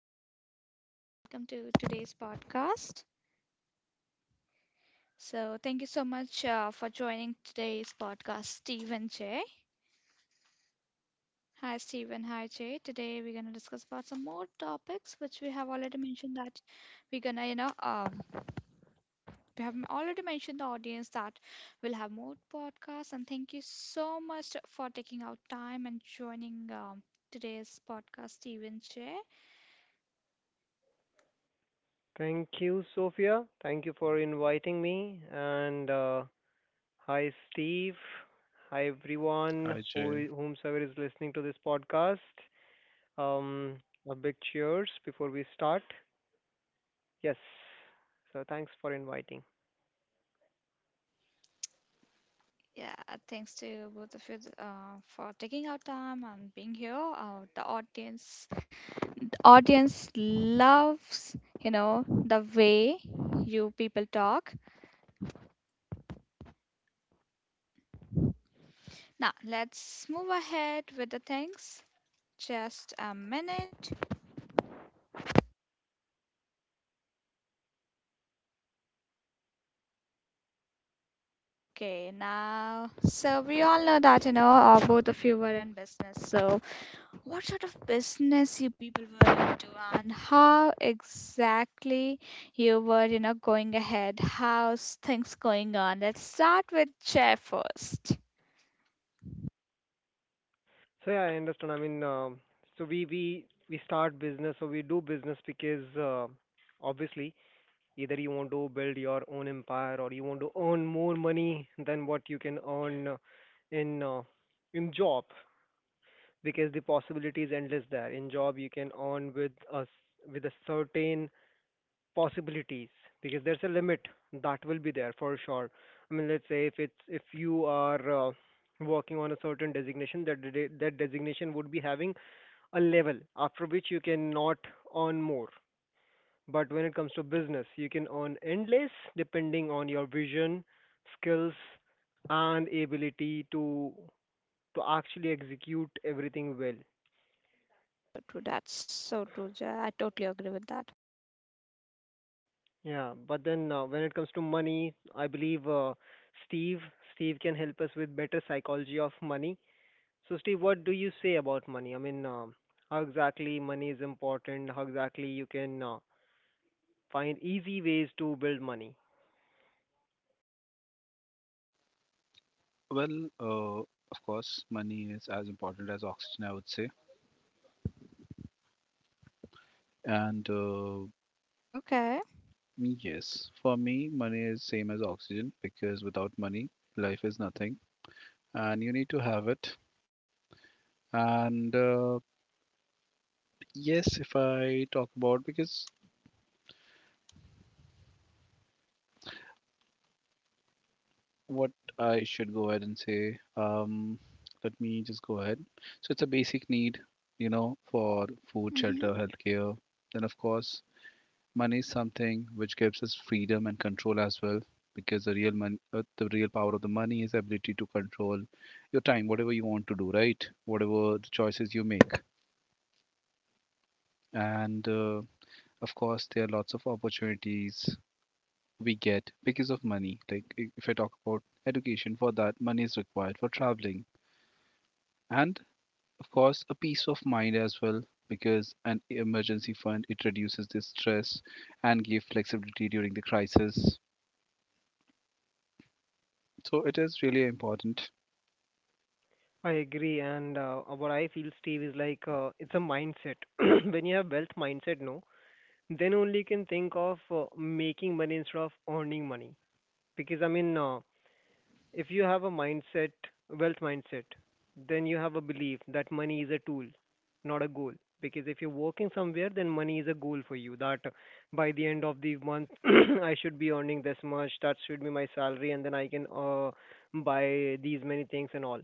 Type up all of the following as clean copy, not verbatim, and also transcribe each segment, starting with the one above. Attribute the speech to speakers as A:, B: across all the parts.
A: hi everyone, and welcome to today's podcast. So, thank you so much for joining today's podcast, Steve and Jay. Hi, Steve and hi, Jay. Today we're gonna discuss about some more topics which we have already mentioned that we're gonna, we have already mentioned the audience that we'll have more podcasts. And thank you so much for taking out time and joining today's podcast, Steve and Jay.
B: Thank you, Sophia. Thank you for inviting me. And hi, Steve. Hi, everyone
C: Hi, Jay.
B: whomsoever is listening to this podcast. Um, a big cheers before we start. Yes. So thanks for inviting.
A: Yeah, thanks to both of you for taking our time and being here. The audience loves, the way you people talk. Now let's move ahead with the things. Just a minute. Okay, now so we all know that both of you were in business, so what sort of business you people were into and how exactly you were, going ahead? How's things going on? Let's start with chair first.
B: So yeah, I understand. So we start business. So we do business because obviously either you want to build your own empire or you want to earn more money than what you can earn in uh, in job, because the possibility is endless there. In job you can earn with with a certain possibilities because there's a limit that will be there for sure. I mean, let's say if it's if you are working on a certain designation, that designation would be having a level after which you cannot earn more. But when it comes to business, you can earn endless depending on your vision, skills, and ability to actually execute everything well.
A: That's so true. That's so true. Jaya. I totally agree with that.
B: Yeah, but then when it comes to money, I believe uh, Steve Steve can help us with better psychology of money. So Steve, what do you say about money? How exactly money is important? How exactly you can find easy ways to build money?
C: Well, of course, money is as important as oxygen, I would say. And
A: Okay.
C: yes, for me, money is same as oxygen because without money, life is nothing, and you need to have it. And yes, if I talk about because, what I should go ahead and say, let me just go ahead. So it's a basic need, you know, for food, shelter,
A: Mm-hmm.
C: healthcare. Then of course, money is something which gives us freedom and control as well, because the real money, the real power of the money is ability to control your time, whatever you want to do, right? Whatever the choices you make, and of course, there are lots of opportunities we get because of money. Like if I talk about education, for that money is required for traveling, and of course, a peace of mind as well. Because an emergency fund it reduces the stress and give flexibility during the crisis. So it is really important.
B: I agree, and what I feel, Steve, is like it's a mindset. When you have wealth mindset, no, then only you can think of making money instead of earning money. Because if you have a mindset, wealth mindset, then you have a belief that money is a tool, not a goal. Because if you're working somewhere, then money is a goal for you. That by the end of the month, I should be earning this much. That should be my salary, and then I can buy these many things and all,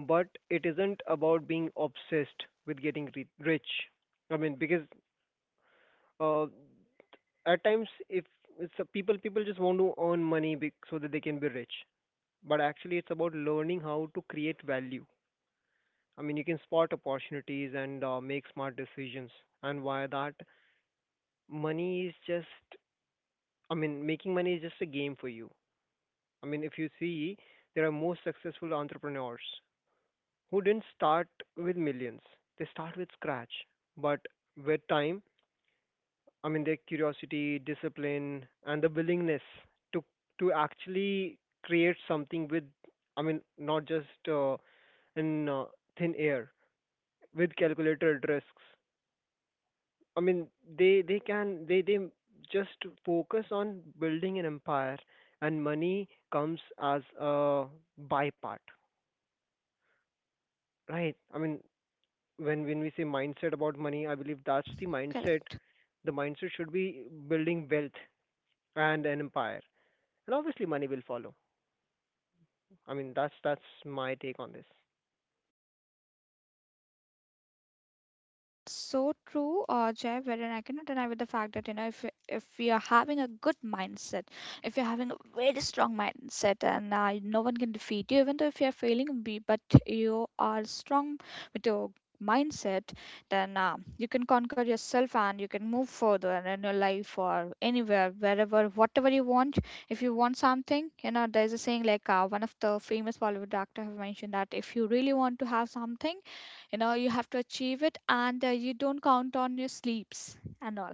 B: but it isn't about being obsessed with getting rich. I mean, because uh, at times, if it's a people people just want to earn money so that they can be rich, but actually, it's about learning how to create value. I mean, you can spot opportunities and make smart decisions, and via that, money is just. I mean, making money is just a game for you. I mean, if you see, there are most successful entrepreneurs who didn't start with millions. They start with scratch. But with time, I mean their curiosity, discipline, and the willingness to actually create something I mean, not just in thin air with calculated risks. I mean, they can they just focus on building an empire, and money comes as a by part, right? I mean, when we say mindset about money, I believe that's the mindset. The mindset should be building wealth and an empire, and obviously money will follow. I mean, that's my take on this.
A: That's so true, Jay. Wherein I cannot deny with the fact that if you're having a good mindset, if you're having a very strong mindset, and no one can defeat you, even though if you're failing, be but you are strong with your mindset, then you can conquer yourself and you can move further in your life or anywhere, wherever, whatever you want. If you want something, there's a saying like one of the famous Bollywood actor have mentioned that if you really want to have something you have to achieve it, and you don't count on your sleeps and all,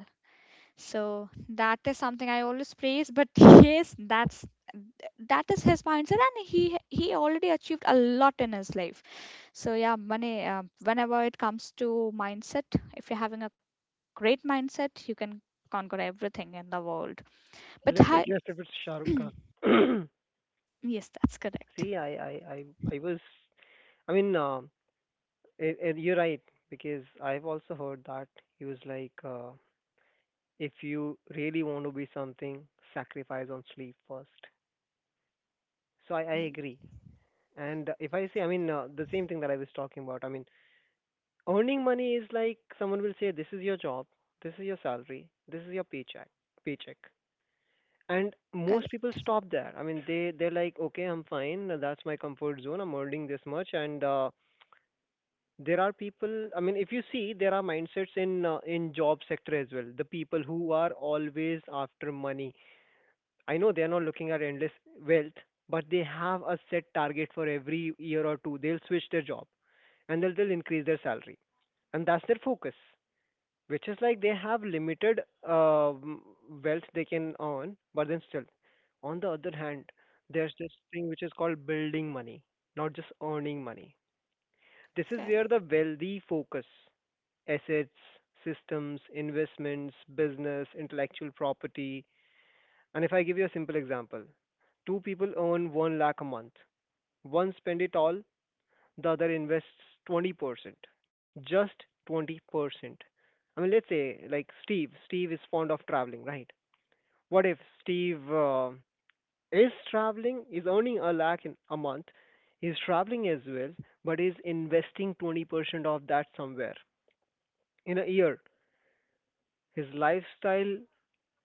A: so that is something I always praise, but yes, that is his mindset, and he already achieved a lot in his life. So yeah, money, whenever it comes to mindset, if you're having a great mindset, you can conquer everything in the world. But
B: Let me
A: hi.
B: guess if it's Shah Rukh Khan.
A: Yes, that's correct.
B: See, I was. I mean, uh, you're right because I've also heard that he was like, if you really want to be something, sacrifice on sleep first. So I
A: Mm.
B: agree. And if I say, the same thing that I was talking about. I mean, earning money is like someone will say, "This is your job, this is your salary, this is your paycheck, paycheck." And most people
A: Correct.
B: stop there. I mean, they're like, "Okay, I'm fine. That's my comfort zone. I'm earning this much." And there are people. I mean, if you see, there are mindsets in job sector as well. The people who are always after money. I know they're not looking at endless wealth, but they have a set target for every year or two. They'll switch their job, and they'll increase their salary, and that's their focus, which is like they have limited um wealth they can earn, but then still, on the other hand, there's this thing which is called building money, not just earning money. This is where
A: Correct.
B: the wealthy focus: assets, systems, investments, business, intellectual property. And if I give you a simple example, two people earn one lakh a month. One spend it all, the other invests 20%, just 20%. I mean, let's say like Steve is fond of traveling, right? What if Steve is traveling, is earning a lakh in a month, is traveling as well, but is investing 20% of that somewhere in a year? His lifestyle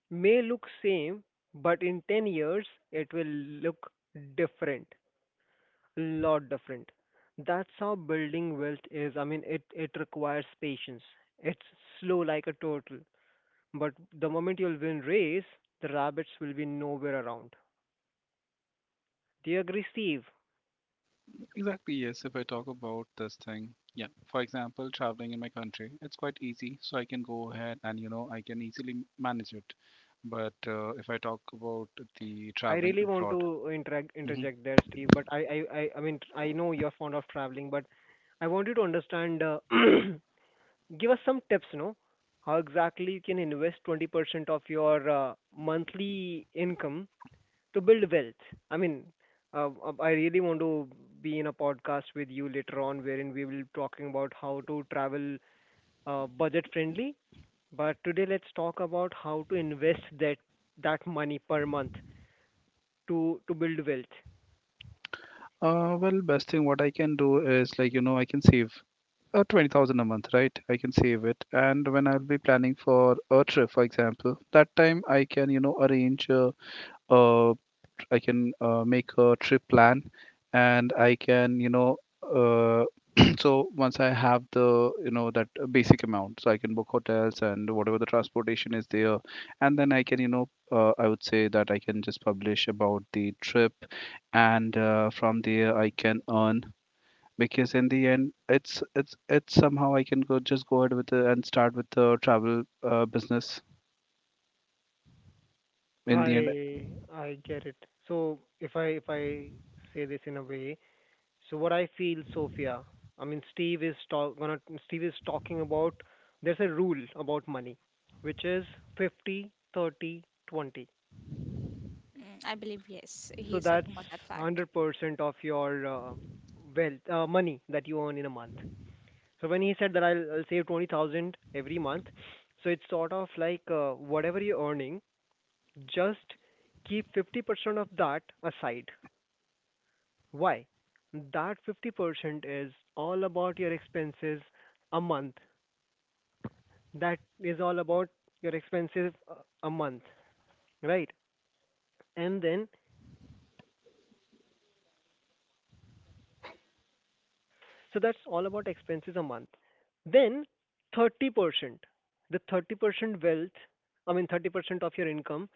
B: may look same, but in 10 years it will look different, lot different. That's how building wealth is. I mean, it requires patience. It's slow like a turtle, but the moment you'll win race, the rabbits will be nowhere around. Do you agree, Steve?
C: Exactly, yes. If I talk about this thing, yeah. For example, traveling in my country, it's quite easy. So I can go ahead and, you know, I can easily manage it. But if I talk about the
B: I
C: traveling
B: really want
C: abroad,
B: to interact
C: hmm
B: interject there, Steve. But I mean I know you're fond of traveling, but I want you to understand. Give us some tips, no? How exactly you can invest 20% of your monthly income to build wealth. I mean, I really want to be in a podcast with you later on, wherein we will be talking about how to travel budget friendly. But today, let's talk about how to invest that money per month to build wealth.
C: well, best thing what I can do is like, you know, I can save 20,000 a month, right? I can save it. And when I'll be planning for a trip, for example, that time I can, you know, arrange a I can make a trip plan, and I can uh, so once I have the that basic amount, so I can book hotels and whatever the transportation is there, and then I can I would say that I can just publish about the trip, and from there I can earn because in the end it's somehow I can go just go ahead with the, and start with the travel business in the end.
B: I get it. So if I say this in a way, so what I feel, Sophia, I mean Steve is talk gonna Steve is talking about there's a rule about money, which is 50, 30, 20.
A: Mm, I believe yes, he
B: So
A: is
B: that's
A: talking about that fact.
B: 100% of your money that you earn in a month. So when he said that I'll save 20,000 every month, so it's sort of like whatever you're earning, just keep 50% of that aside. Why? That 50% is all about your expenses a month. That is all about your expenses a month, right? And then, so that's all about expenses a month. Then 30%, the 30% wealth, I mean 30% of your income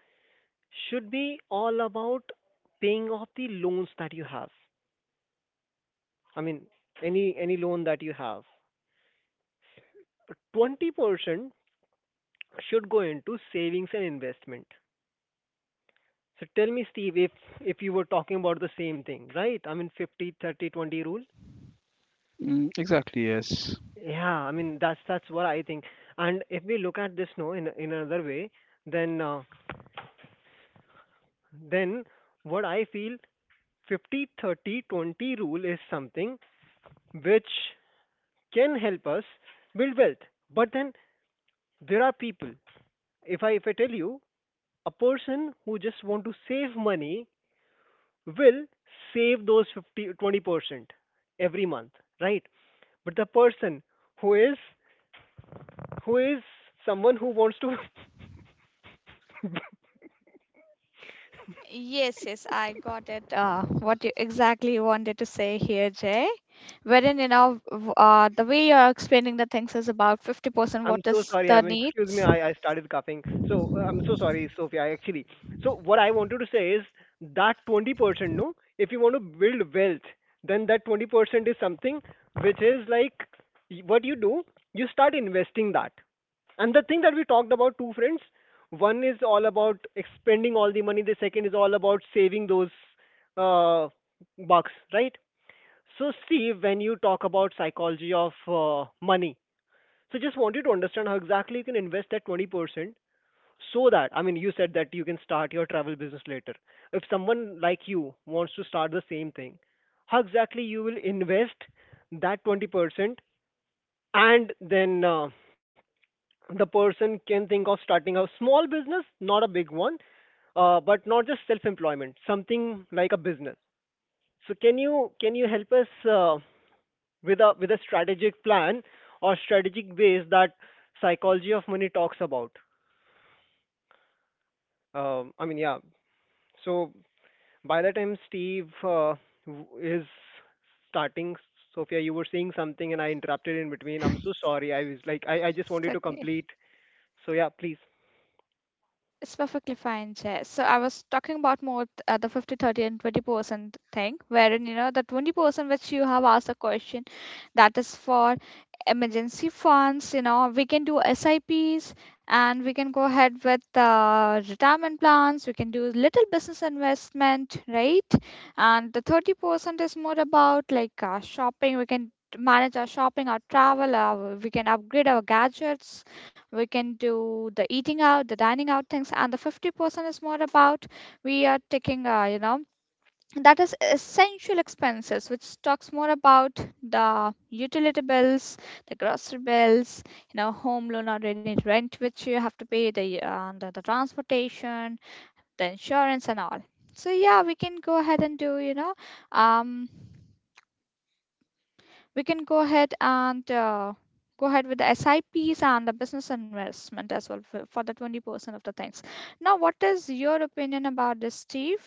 B: should be all about paying off the loans that you have. I mean any loan that you have. 20% should go into savings and investment. So tell me, Steve, if you were talking about the same thing, right? I mean 50 30 20 rule.
C: Mm, exactly, yes.
B: Yeah, I mean that's what I think. And if we look at this, no, in another way, then then what I feel, 50 30 20 rule is something which can help us build wealth. But then there are people. If I tell you, a person who just want to save money will save those 50 20% every month, right? But the person who is who is someone who wants to—
A: Yes, yes, I got it. What you exactly wanted to say here, Jay, wherein the way you're explaining the things is about 50%.
B: I'm
A: What
B: so
A: is
B: sorry.
A: the
B: I'm Excuse
A: needs?
B: me. I started coughing. So I'm so sorry, Sophia. I actually. So what I wanted to say is that 20%, no, if you want to build wealth, then that 20% is something which is like what you do, you start investing that. And the thing that we talked about, two friends, one is all about expending all the money. The second is all about saving those uh, bucks, right? So see, when you talk about psychology of money, so just wanted to understand how exactly you can invest that 20% so that, I mean, you said that you can start your travel business later. If someone like you wants to start the same thing, how exactly you will invest that 20%, and then the person can think of starting a small business, not a big one, but not just self-employment, something like a business. So can you help us with a strategic plan or strategic ways that psychology of money talks about? Um, I mean, yeah. So by the time Steve is starting, Sophia, you were saying something and I interrupted in between. I'm so sorry. I was like, I just
A: It's
B: wanted to
A: okay.
B: complete. So yeah, please.
A: It's perfectly fine, Jay. So I was talking about more the 50, 30, and 20% thing, wherein, the 20% which you have asked a question, that is for emergency funds, we can do SIPs, and we can go ahead with retirement plans, we can do little business investment, right? And the 30% is more about like shopping, we can manage our shopping, our travel, we can upgrade our gadgets, we can do the eating out, the dining out things, and the 50% is more about we are taking that is essential expenses, which talks more about the utility bills, the grocery bills, home loan or any rent which you have to pay, the the transportation, the insurance, and all. So yeah, we can go ahead and do you know um we can go ahead and go ahead with the SIPs and the business investment as well for the 20% of the things. Now, what is your opinion about this, Steve?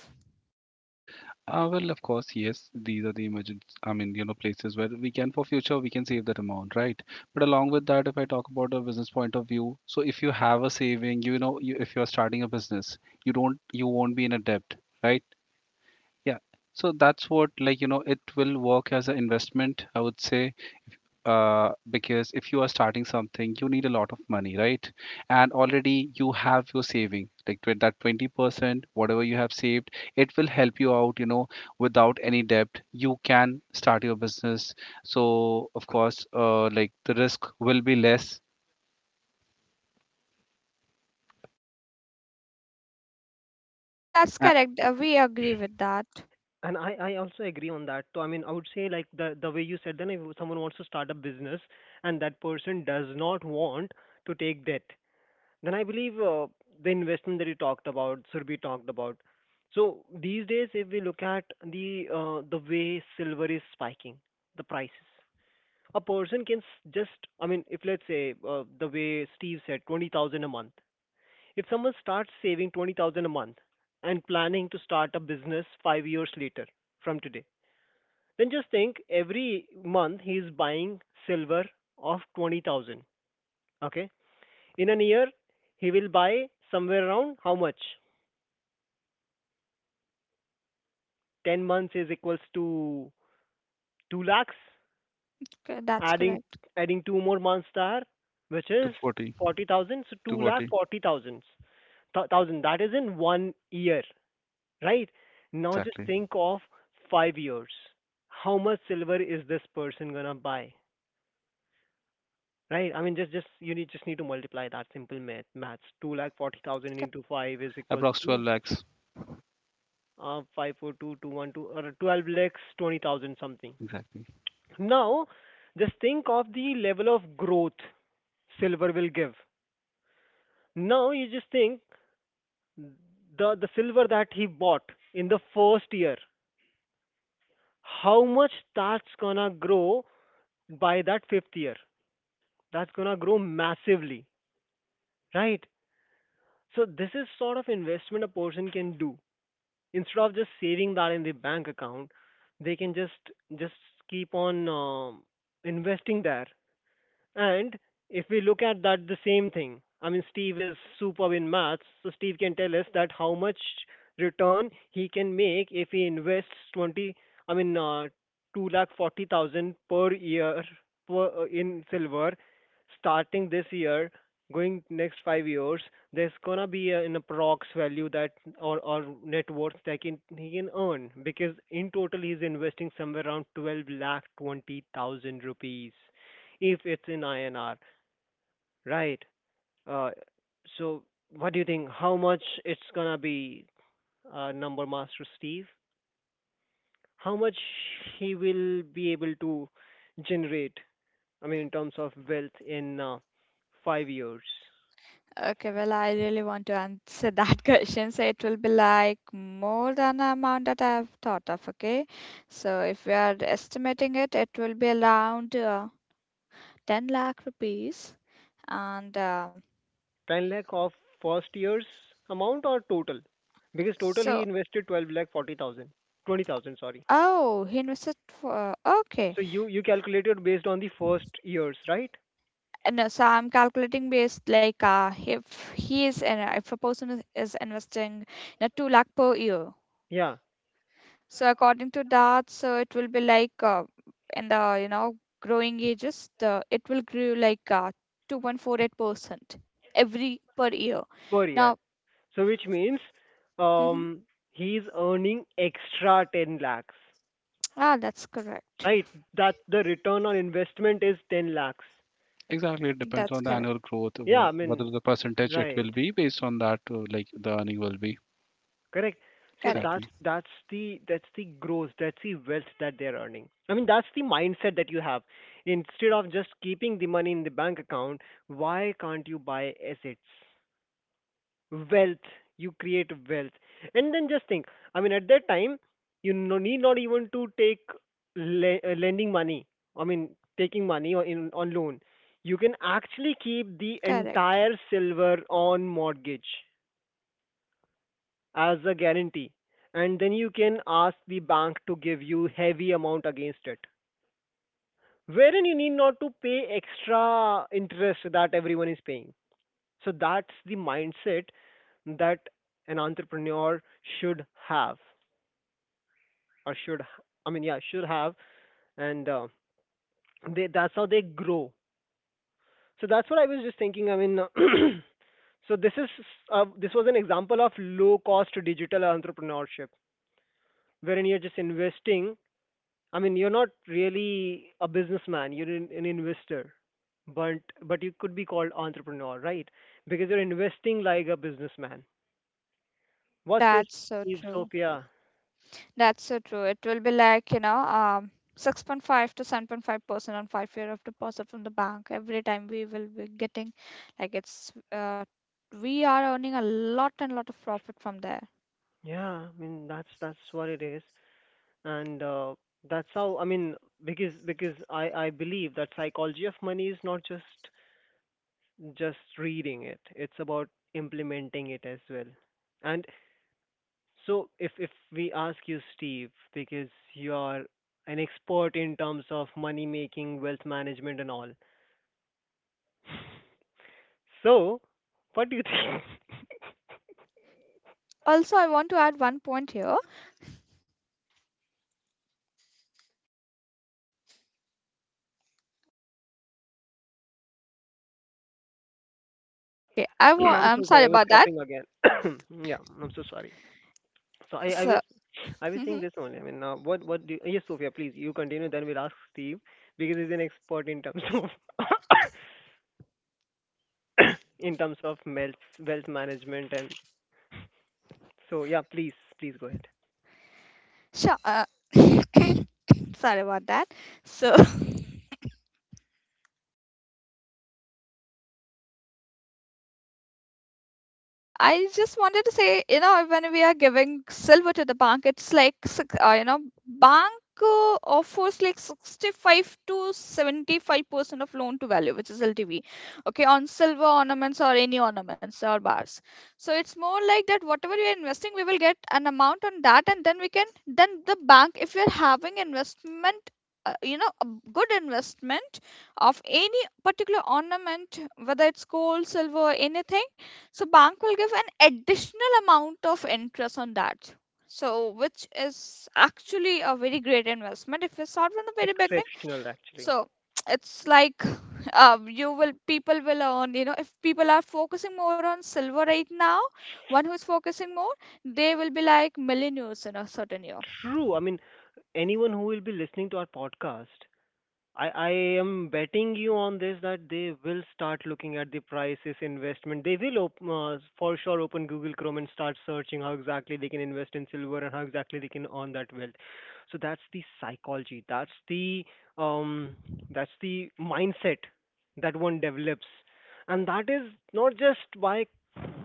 C: Well, of course, yes. These are the emergent, I mean, you know, places where we can, for future, we can save that amount, right? But along with that, if I talk about a business point of view, so if you have a saving, you know, if you are starting a business, you won't be in a debt, right? Yeah. So that's what, like, you know, it will work as an investment, I would say, because if you are starting something, you need a lot of money, right? And already you have your saving, like that 20%, whatever you have saved, it will help you out, you know, without any debt you can start your business. So of course, like the risk will be less.
A: Yeah, that's
C: A-
A: correct. We agree with that.
B: And I also agree on that. So I mean, I would say like the way you said then, if someone wants to start a business and that person does not want to take debt, then I believe the investment that you talked about should be talked about. So these days, if we look at the way silver is spiking, the prices, a person can s- just I mean, if let's say the way Steve said, 20,000 a month. If someone starts saving 20,000 a month and planning to start a business 5 years later from today, then just think every month he is buying silver of 20,000. Okay, in an year, he will buy somewhere around how much? 10 months is equals to 2 lakhs.
A: Okay, that's
B: Adding
A: correct.
B: adding 2 more months there, which is
C: 240,
B: 40,000. So 2 lakh 40,000. Thousand. That is in one year, right? Now just
C: exactly.
B: think of 5 years. How much silver is this person gonna buy? Right? I mean, just you need just need to multiply that simple math. Maths. 2 lakh 40,000 into 5 is equals
C: Approx 12
B: to
C: lakhs.
B: 542212 or 12 lakhs 20,000 something.
C: Exactly.
B: Now, just think of the level of growth silver will give. Now, you just think the silver that he bought in the first year, how much that's gonna grow by that fifth year? That's gonna grow massively, right? So, this is sort of investment a person can do. Instead of just saving that in the bank account, they can just keep on investing there. And if we look at that, the same thing. I mean, Steve is superb in maths, so Steve can tell us that how much return he can make if he invests 20. I mean, two lakh 40,000 per year per in silver, starting this year, going next 5 years. There's gonna be an approx value that or net worth that can he can earn because in total he's investing somewhere around 12 lakh 20,000 rupees if it's in INR, right? Uh, so what do you think? How much it's gonna be, Number Master Steve? How much he will be able to generate? I mean, in terms of wealth in 5 years,
A: Okay, well, I really want to answer that question. So it will be like more than the amount that I've thought of. Okay, so if we are estimating it, it will be around 10 lakh rupees. And
B: 10 lakh of first year's amount or total? Because total he
A: so
B: invested 12 lakh 40,000, 20,000. Sorry.
A: oh, he invested for okay.
B: So you calculated based on the first years, right?
A: And so I'm calculating based like if a person is investing 2 lakh per year.
B: Yeah,
A: So according to that, so it will be like in the growing ages, the it will grow like 2.48% every per year.
B: per year.
A: Now,
B: So which means
A: hmm
B: um, he's earning extra 10 lakhs,
A: that's correct.
B: right? That the return on investment is 10 lakhs.
C: Exactly, it depends on
A: That's
C: the
A: correct.
C: annual growth,
B: Yeah,
C: whe-
B: I mean,
C: whether the percentage, it
B: right,
C: will be based on that. Like the earning will be
B: correct. So that's
C: exactly.
A: Correct.
B: that's the that's the growth, that's the wealth that they're earning. I mean, that's the mindset that you have. Instead of just keeping the money in the bank account, why can't you buy assets? Wealth, you create wealth and then just think. I mean, at that time, you no need not even to take lending money. I mean, taking money or in on loan, you can actually keep the
A: Correct.
B: entire silver on mortgage as a guarantee, and then you can ask the bank to give you heavy amount against it, wherein you need not to pay extra interest that everyone is paying. So that's the mindset that an entrepreneur should have, or I mean, yeah, should have, and they that's how they grow. So that's what I was just thinking. I mean, so this was an example of low cost digital entrepreneurship, wherein you're just investing. I mean, you're not really a businessman; you're an investor, but but you could be called entrepreneur, right? Because you're investing like a businessman. What says
A: That's so
B: Steve,
A: true.
B: Sophia?
A: That's so true. It will be like, 6.5 to 7.5% on 5-year of deposit from the bank. Every time we will be getting, like, we are earning a lot and lot of profit from there.
B: Yeah, I mean that's what it is, and that's how I mean because I believe that psychology of money is not just reading it; it's about implementing it as well. And so if we ask you, Steve, because you are an expert in terms of money making, wealth management, and all, so what do you think?
A: Also, I want to add one point here. Okay,
B: I'm
A: I'm
B: so
A: sorry
B: sorry, I was
A: about that.
B: coughing again. Yeah, I'm so sorry. So I, I was
A: So,
B: I was saying this only. I mean, what do yes, Sophia, please you continue. Then we'll ask Steve because he's an expert in terms of in terms of wealth management and so yeah, please go ahead.
A: sure. Sorry about that. So, I just wanted to say, when we are giving silver to the bank, it's like, bank offers like 65 to 75% of loan to value, which is LTV, okay, on silver ornaments or any ornaments or bars. So it's more like that whatever we are investing, we will get an amount on that, and then then the bank, if we are having investment, a good investment of any particular ornament, whether it's gold, silver, anything, so bank will give an additional amount of interest on that. So which is actually a very great investment if we start from the very beginning.
B: Exceptional, actually.
A: So it's like you will people will earn, if people are focusing more on silver right now, one who is focusing more, they will be like millionaires in a certain year.
B: True. I mean, anyone who will be listening to our podcast, I am betting you on this that they will start looking at the prices investment. They will for sure open Google Chrome and start searching how exactly they can invest in silver and how exactly they can earn that wealth. So that's the psychology. That's um the mindset that one develops. And that is not just by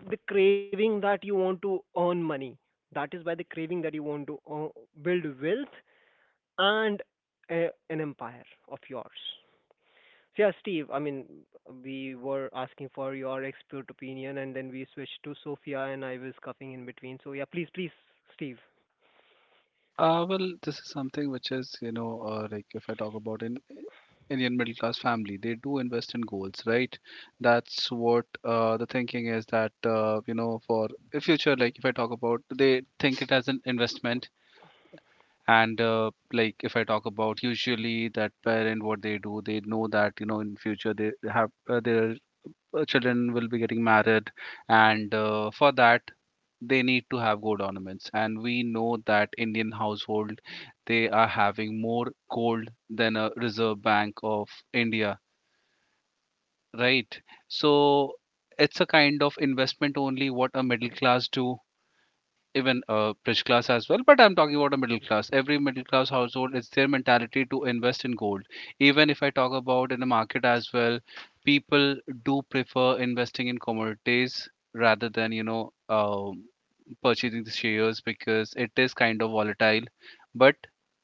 B: the craving that you want to earn money. That is by the craving that you want to earn, build wealth and an empire of yours. Yeah, Steve, I mean, we were asking for your expert opinion and then we switched to Sophia and I was coughing in between. So yeah, please, Steve.
C: Well, this is something which is, you know, like if I talk about in Indian middle class family, they do invest in goals, right? That's what the thinking is, that you know, for the future, like if I talk about, they think it as an investment. And like if I talk about, usually that parent, what they do, they know that, you know, in future they have their children will be getting married. And for that, they need to have gold ornaments, and we know that Indian household, they are having more gold than a Reserve Bank of India, right? So it's a kind of investment only, what a middle class do, even a rich class as well, but I'm talking about a middle class. Every middle class household, it's their mentality to invest in gold. Even if I talk about in the market as well, people do prefer investing in commodities rather than, you know, purchasing the shares, because it is kind of volatile. But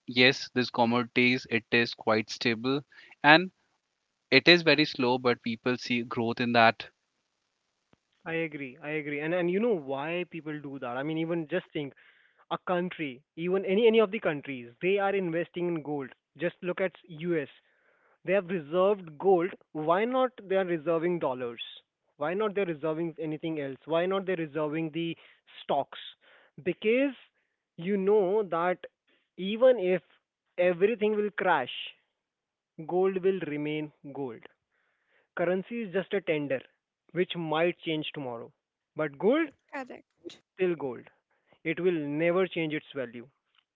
C: yes, this commodities, it is quite stable, and it is very slow, but people see growth in that.
B: I agree. I agree. and you know why people do that? I mean, even just think a country, even any of the countries, they are investing in gold. Just look at US. They have reserved gold. Why not they are reserving dollars? Why not they're reserving anything else? Why not they're reserving the stocks? Because you know that even if everything will crash, gold will remain gold. Currency is just a tender which might change tomorrow. But gold,
A: Correct.
B: still gold. It will never change its value.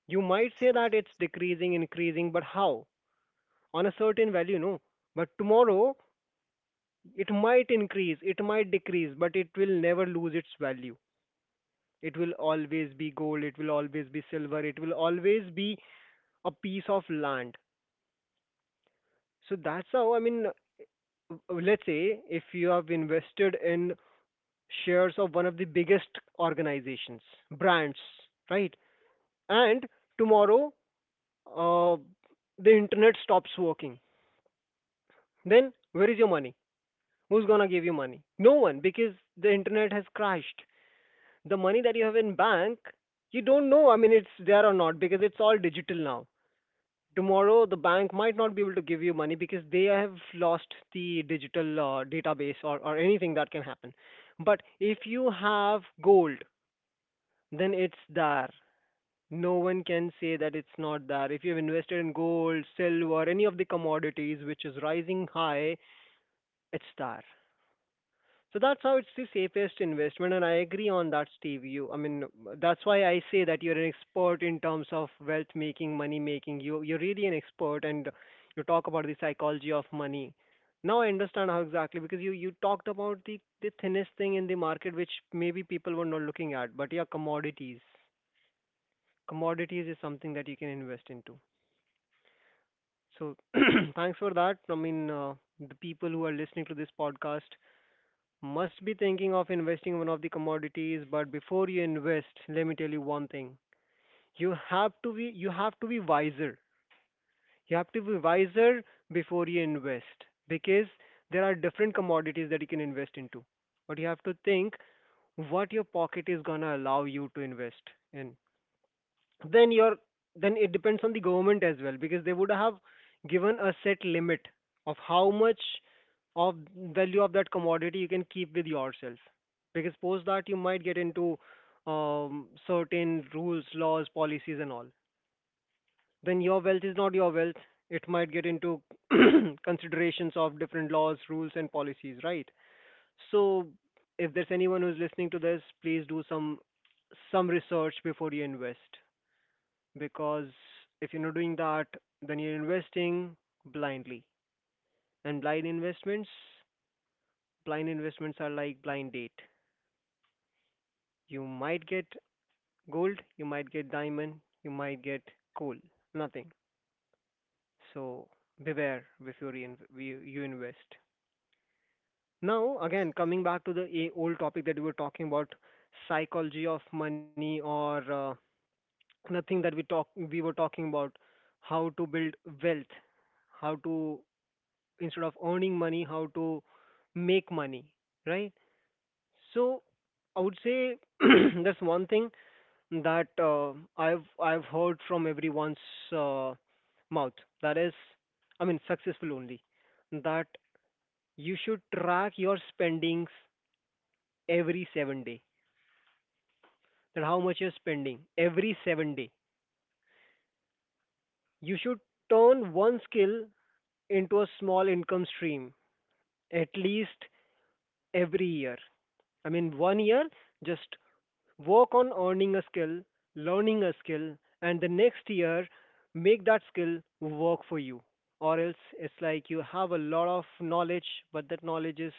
B: You might say that it's decreasing, increasing, but how? On a certain value, no. But tomorrow, it might increase, it might decrease, but it will never lose its value. It will always be gold, it will always be silver, it will always be a piece of land. So that's how, I mean, let's say if you have invested in shares of one of the biggest organizations, brands, right? And tomorrow, uh, the internet stops working. Then where is your money? Who's gonna give you money? No one, because the internet has crashed. The money that you have in bank, you don't know, I mean, it's there or not because it's all digital now. Tomorrow the bank might not be able to give you money because they have lost the digital database, or anything that can happen. But if you have gold, then it's there. No one can say that it's not there. If you've invested in gold, silver, any of the commodities which is rising high, it's there. So that's how it's the safest investment, and I agree on that, Steve. You, I mean, that's why I say that you're an expert in terms of wealth making, money making. You're really an expert, and you talk about the psychology of money. Now I understand how exactly because you talked about the thinnest thing in the market, which maybe people were not looking at, but yeah, commodities. Commodities is something that you can invest into. So thanks for that. I mean, the people who are listening to this podcast must be thinking of investing in one of the commodities, but before you invest, let me tell you one thing. You have to be wiser. You have to be wiser before you invest because there are different commodities that you can invest into. But you have to think what your pocket is gonna allow you to invest in, then your then it depends on the government as well because they would have given a set limit of how much of value of that commodity you can keep with yourself, because post that you might get into certain rules, laws, policies and all. Then your wealth is not your wealth, it might get into considerations of different laws, rules and policies, right? So if there's anyone who's listening to this, please do some research before you invest, because if you're not doing that, then you're investing blindly. And blind investments are like blind date. You might get gold, you might get diamond, you might get coal, nothing. So beware before you invest. Now, again, coming back to the old topic that we were talking about, psychology of money or the thing that we were talking about, how to build wealth, how to instead of earning money, how to make money, right? So I would say that's one thing that I've heard from everyone's uh, mouth. That is, I mean, successful only. That you should track your spendings every 7 day. That how much you're spending every 7 day. You should turn one skill into a small income stream at least every year. I mean, one year just work on earning a skill, learning a skill, and the next year make that skill work for you. Or else it's like you have a lot of knowledge, but that knowledge is,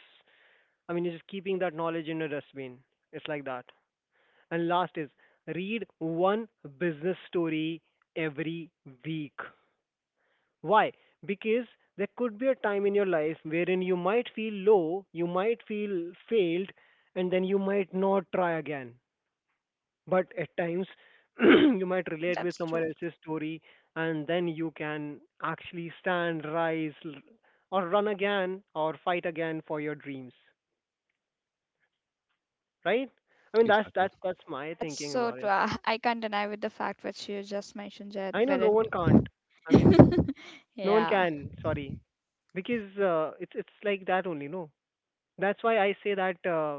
B: I mean, you're just keeping that knowledge in a dustbin. It's like that. And last is read one business story every week. Why? Because there could be a time in your life wherein you might feel low, you might feel failed, and then you might not try again, but at times you might relate with
A: That's
B: someone
A: true.
B: else's story, and then you can actually stand, rise, or run again or fight again for your dreams, right? I mean that's
C: Exactly.
B: that's that's my
A: That's
B: thinking
A: so
B: about
A: true.
B: it.
A: I can't deny with the fact which you just mentioned, Jed.
B: I know no
A: Wherein,
B: one can't, I mean, no one
A: yeah.
B: can, sorry, because it's like that only, no? That's why I say that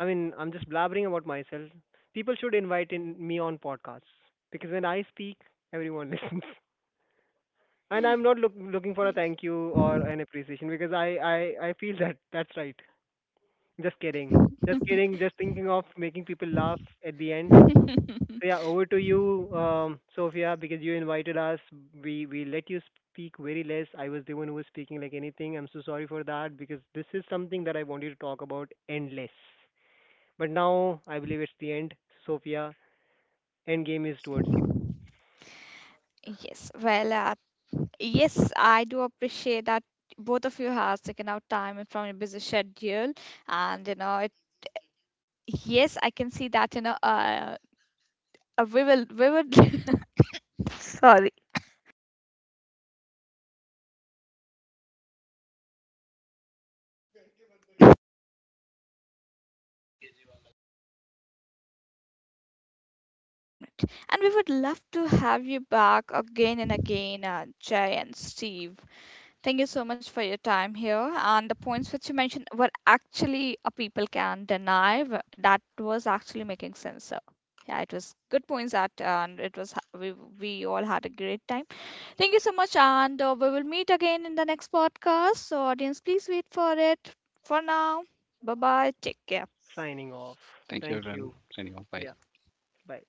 B: I mean I'm just blabbering about myself, people should invite in me on podcasts because when I speak, everyone listens. And I'm not looking for a thank you or an appreciation because I feel that that's right. Just kidding. Just kidding. Just thinking of making people laugh at the end. So yeah, over to you, Sophia, because you invited us. We let you speak very less. I was the one who was speaking like anything. I'm so sorry for that because this is something that I wanted to talk about endless. But now I believe it's the end. Sophia, end game is towards you.
A: Yes, well, yes, I do appreciate that both of you has taken out time from your busy schedule, and yes, I can see that you know, we will, we would, sorry, and we would love to have you back again and again, Jay and Steve. Thank you so much for your time here, and the points which you mentioned were actually people can deny that was actually making sense. So, yeah, it was good points that, and it was we all had a great time. Thank you so much, and we will meet again in the next podcast. So, audience, please wait for it. For now, bye bye. Take care.
B: Signing off.
C: Thank you,
B: Thank
C: everyone.
B: you.
C: Signing off. Bye.
B: Yeah. Bye.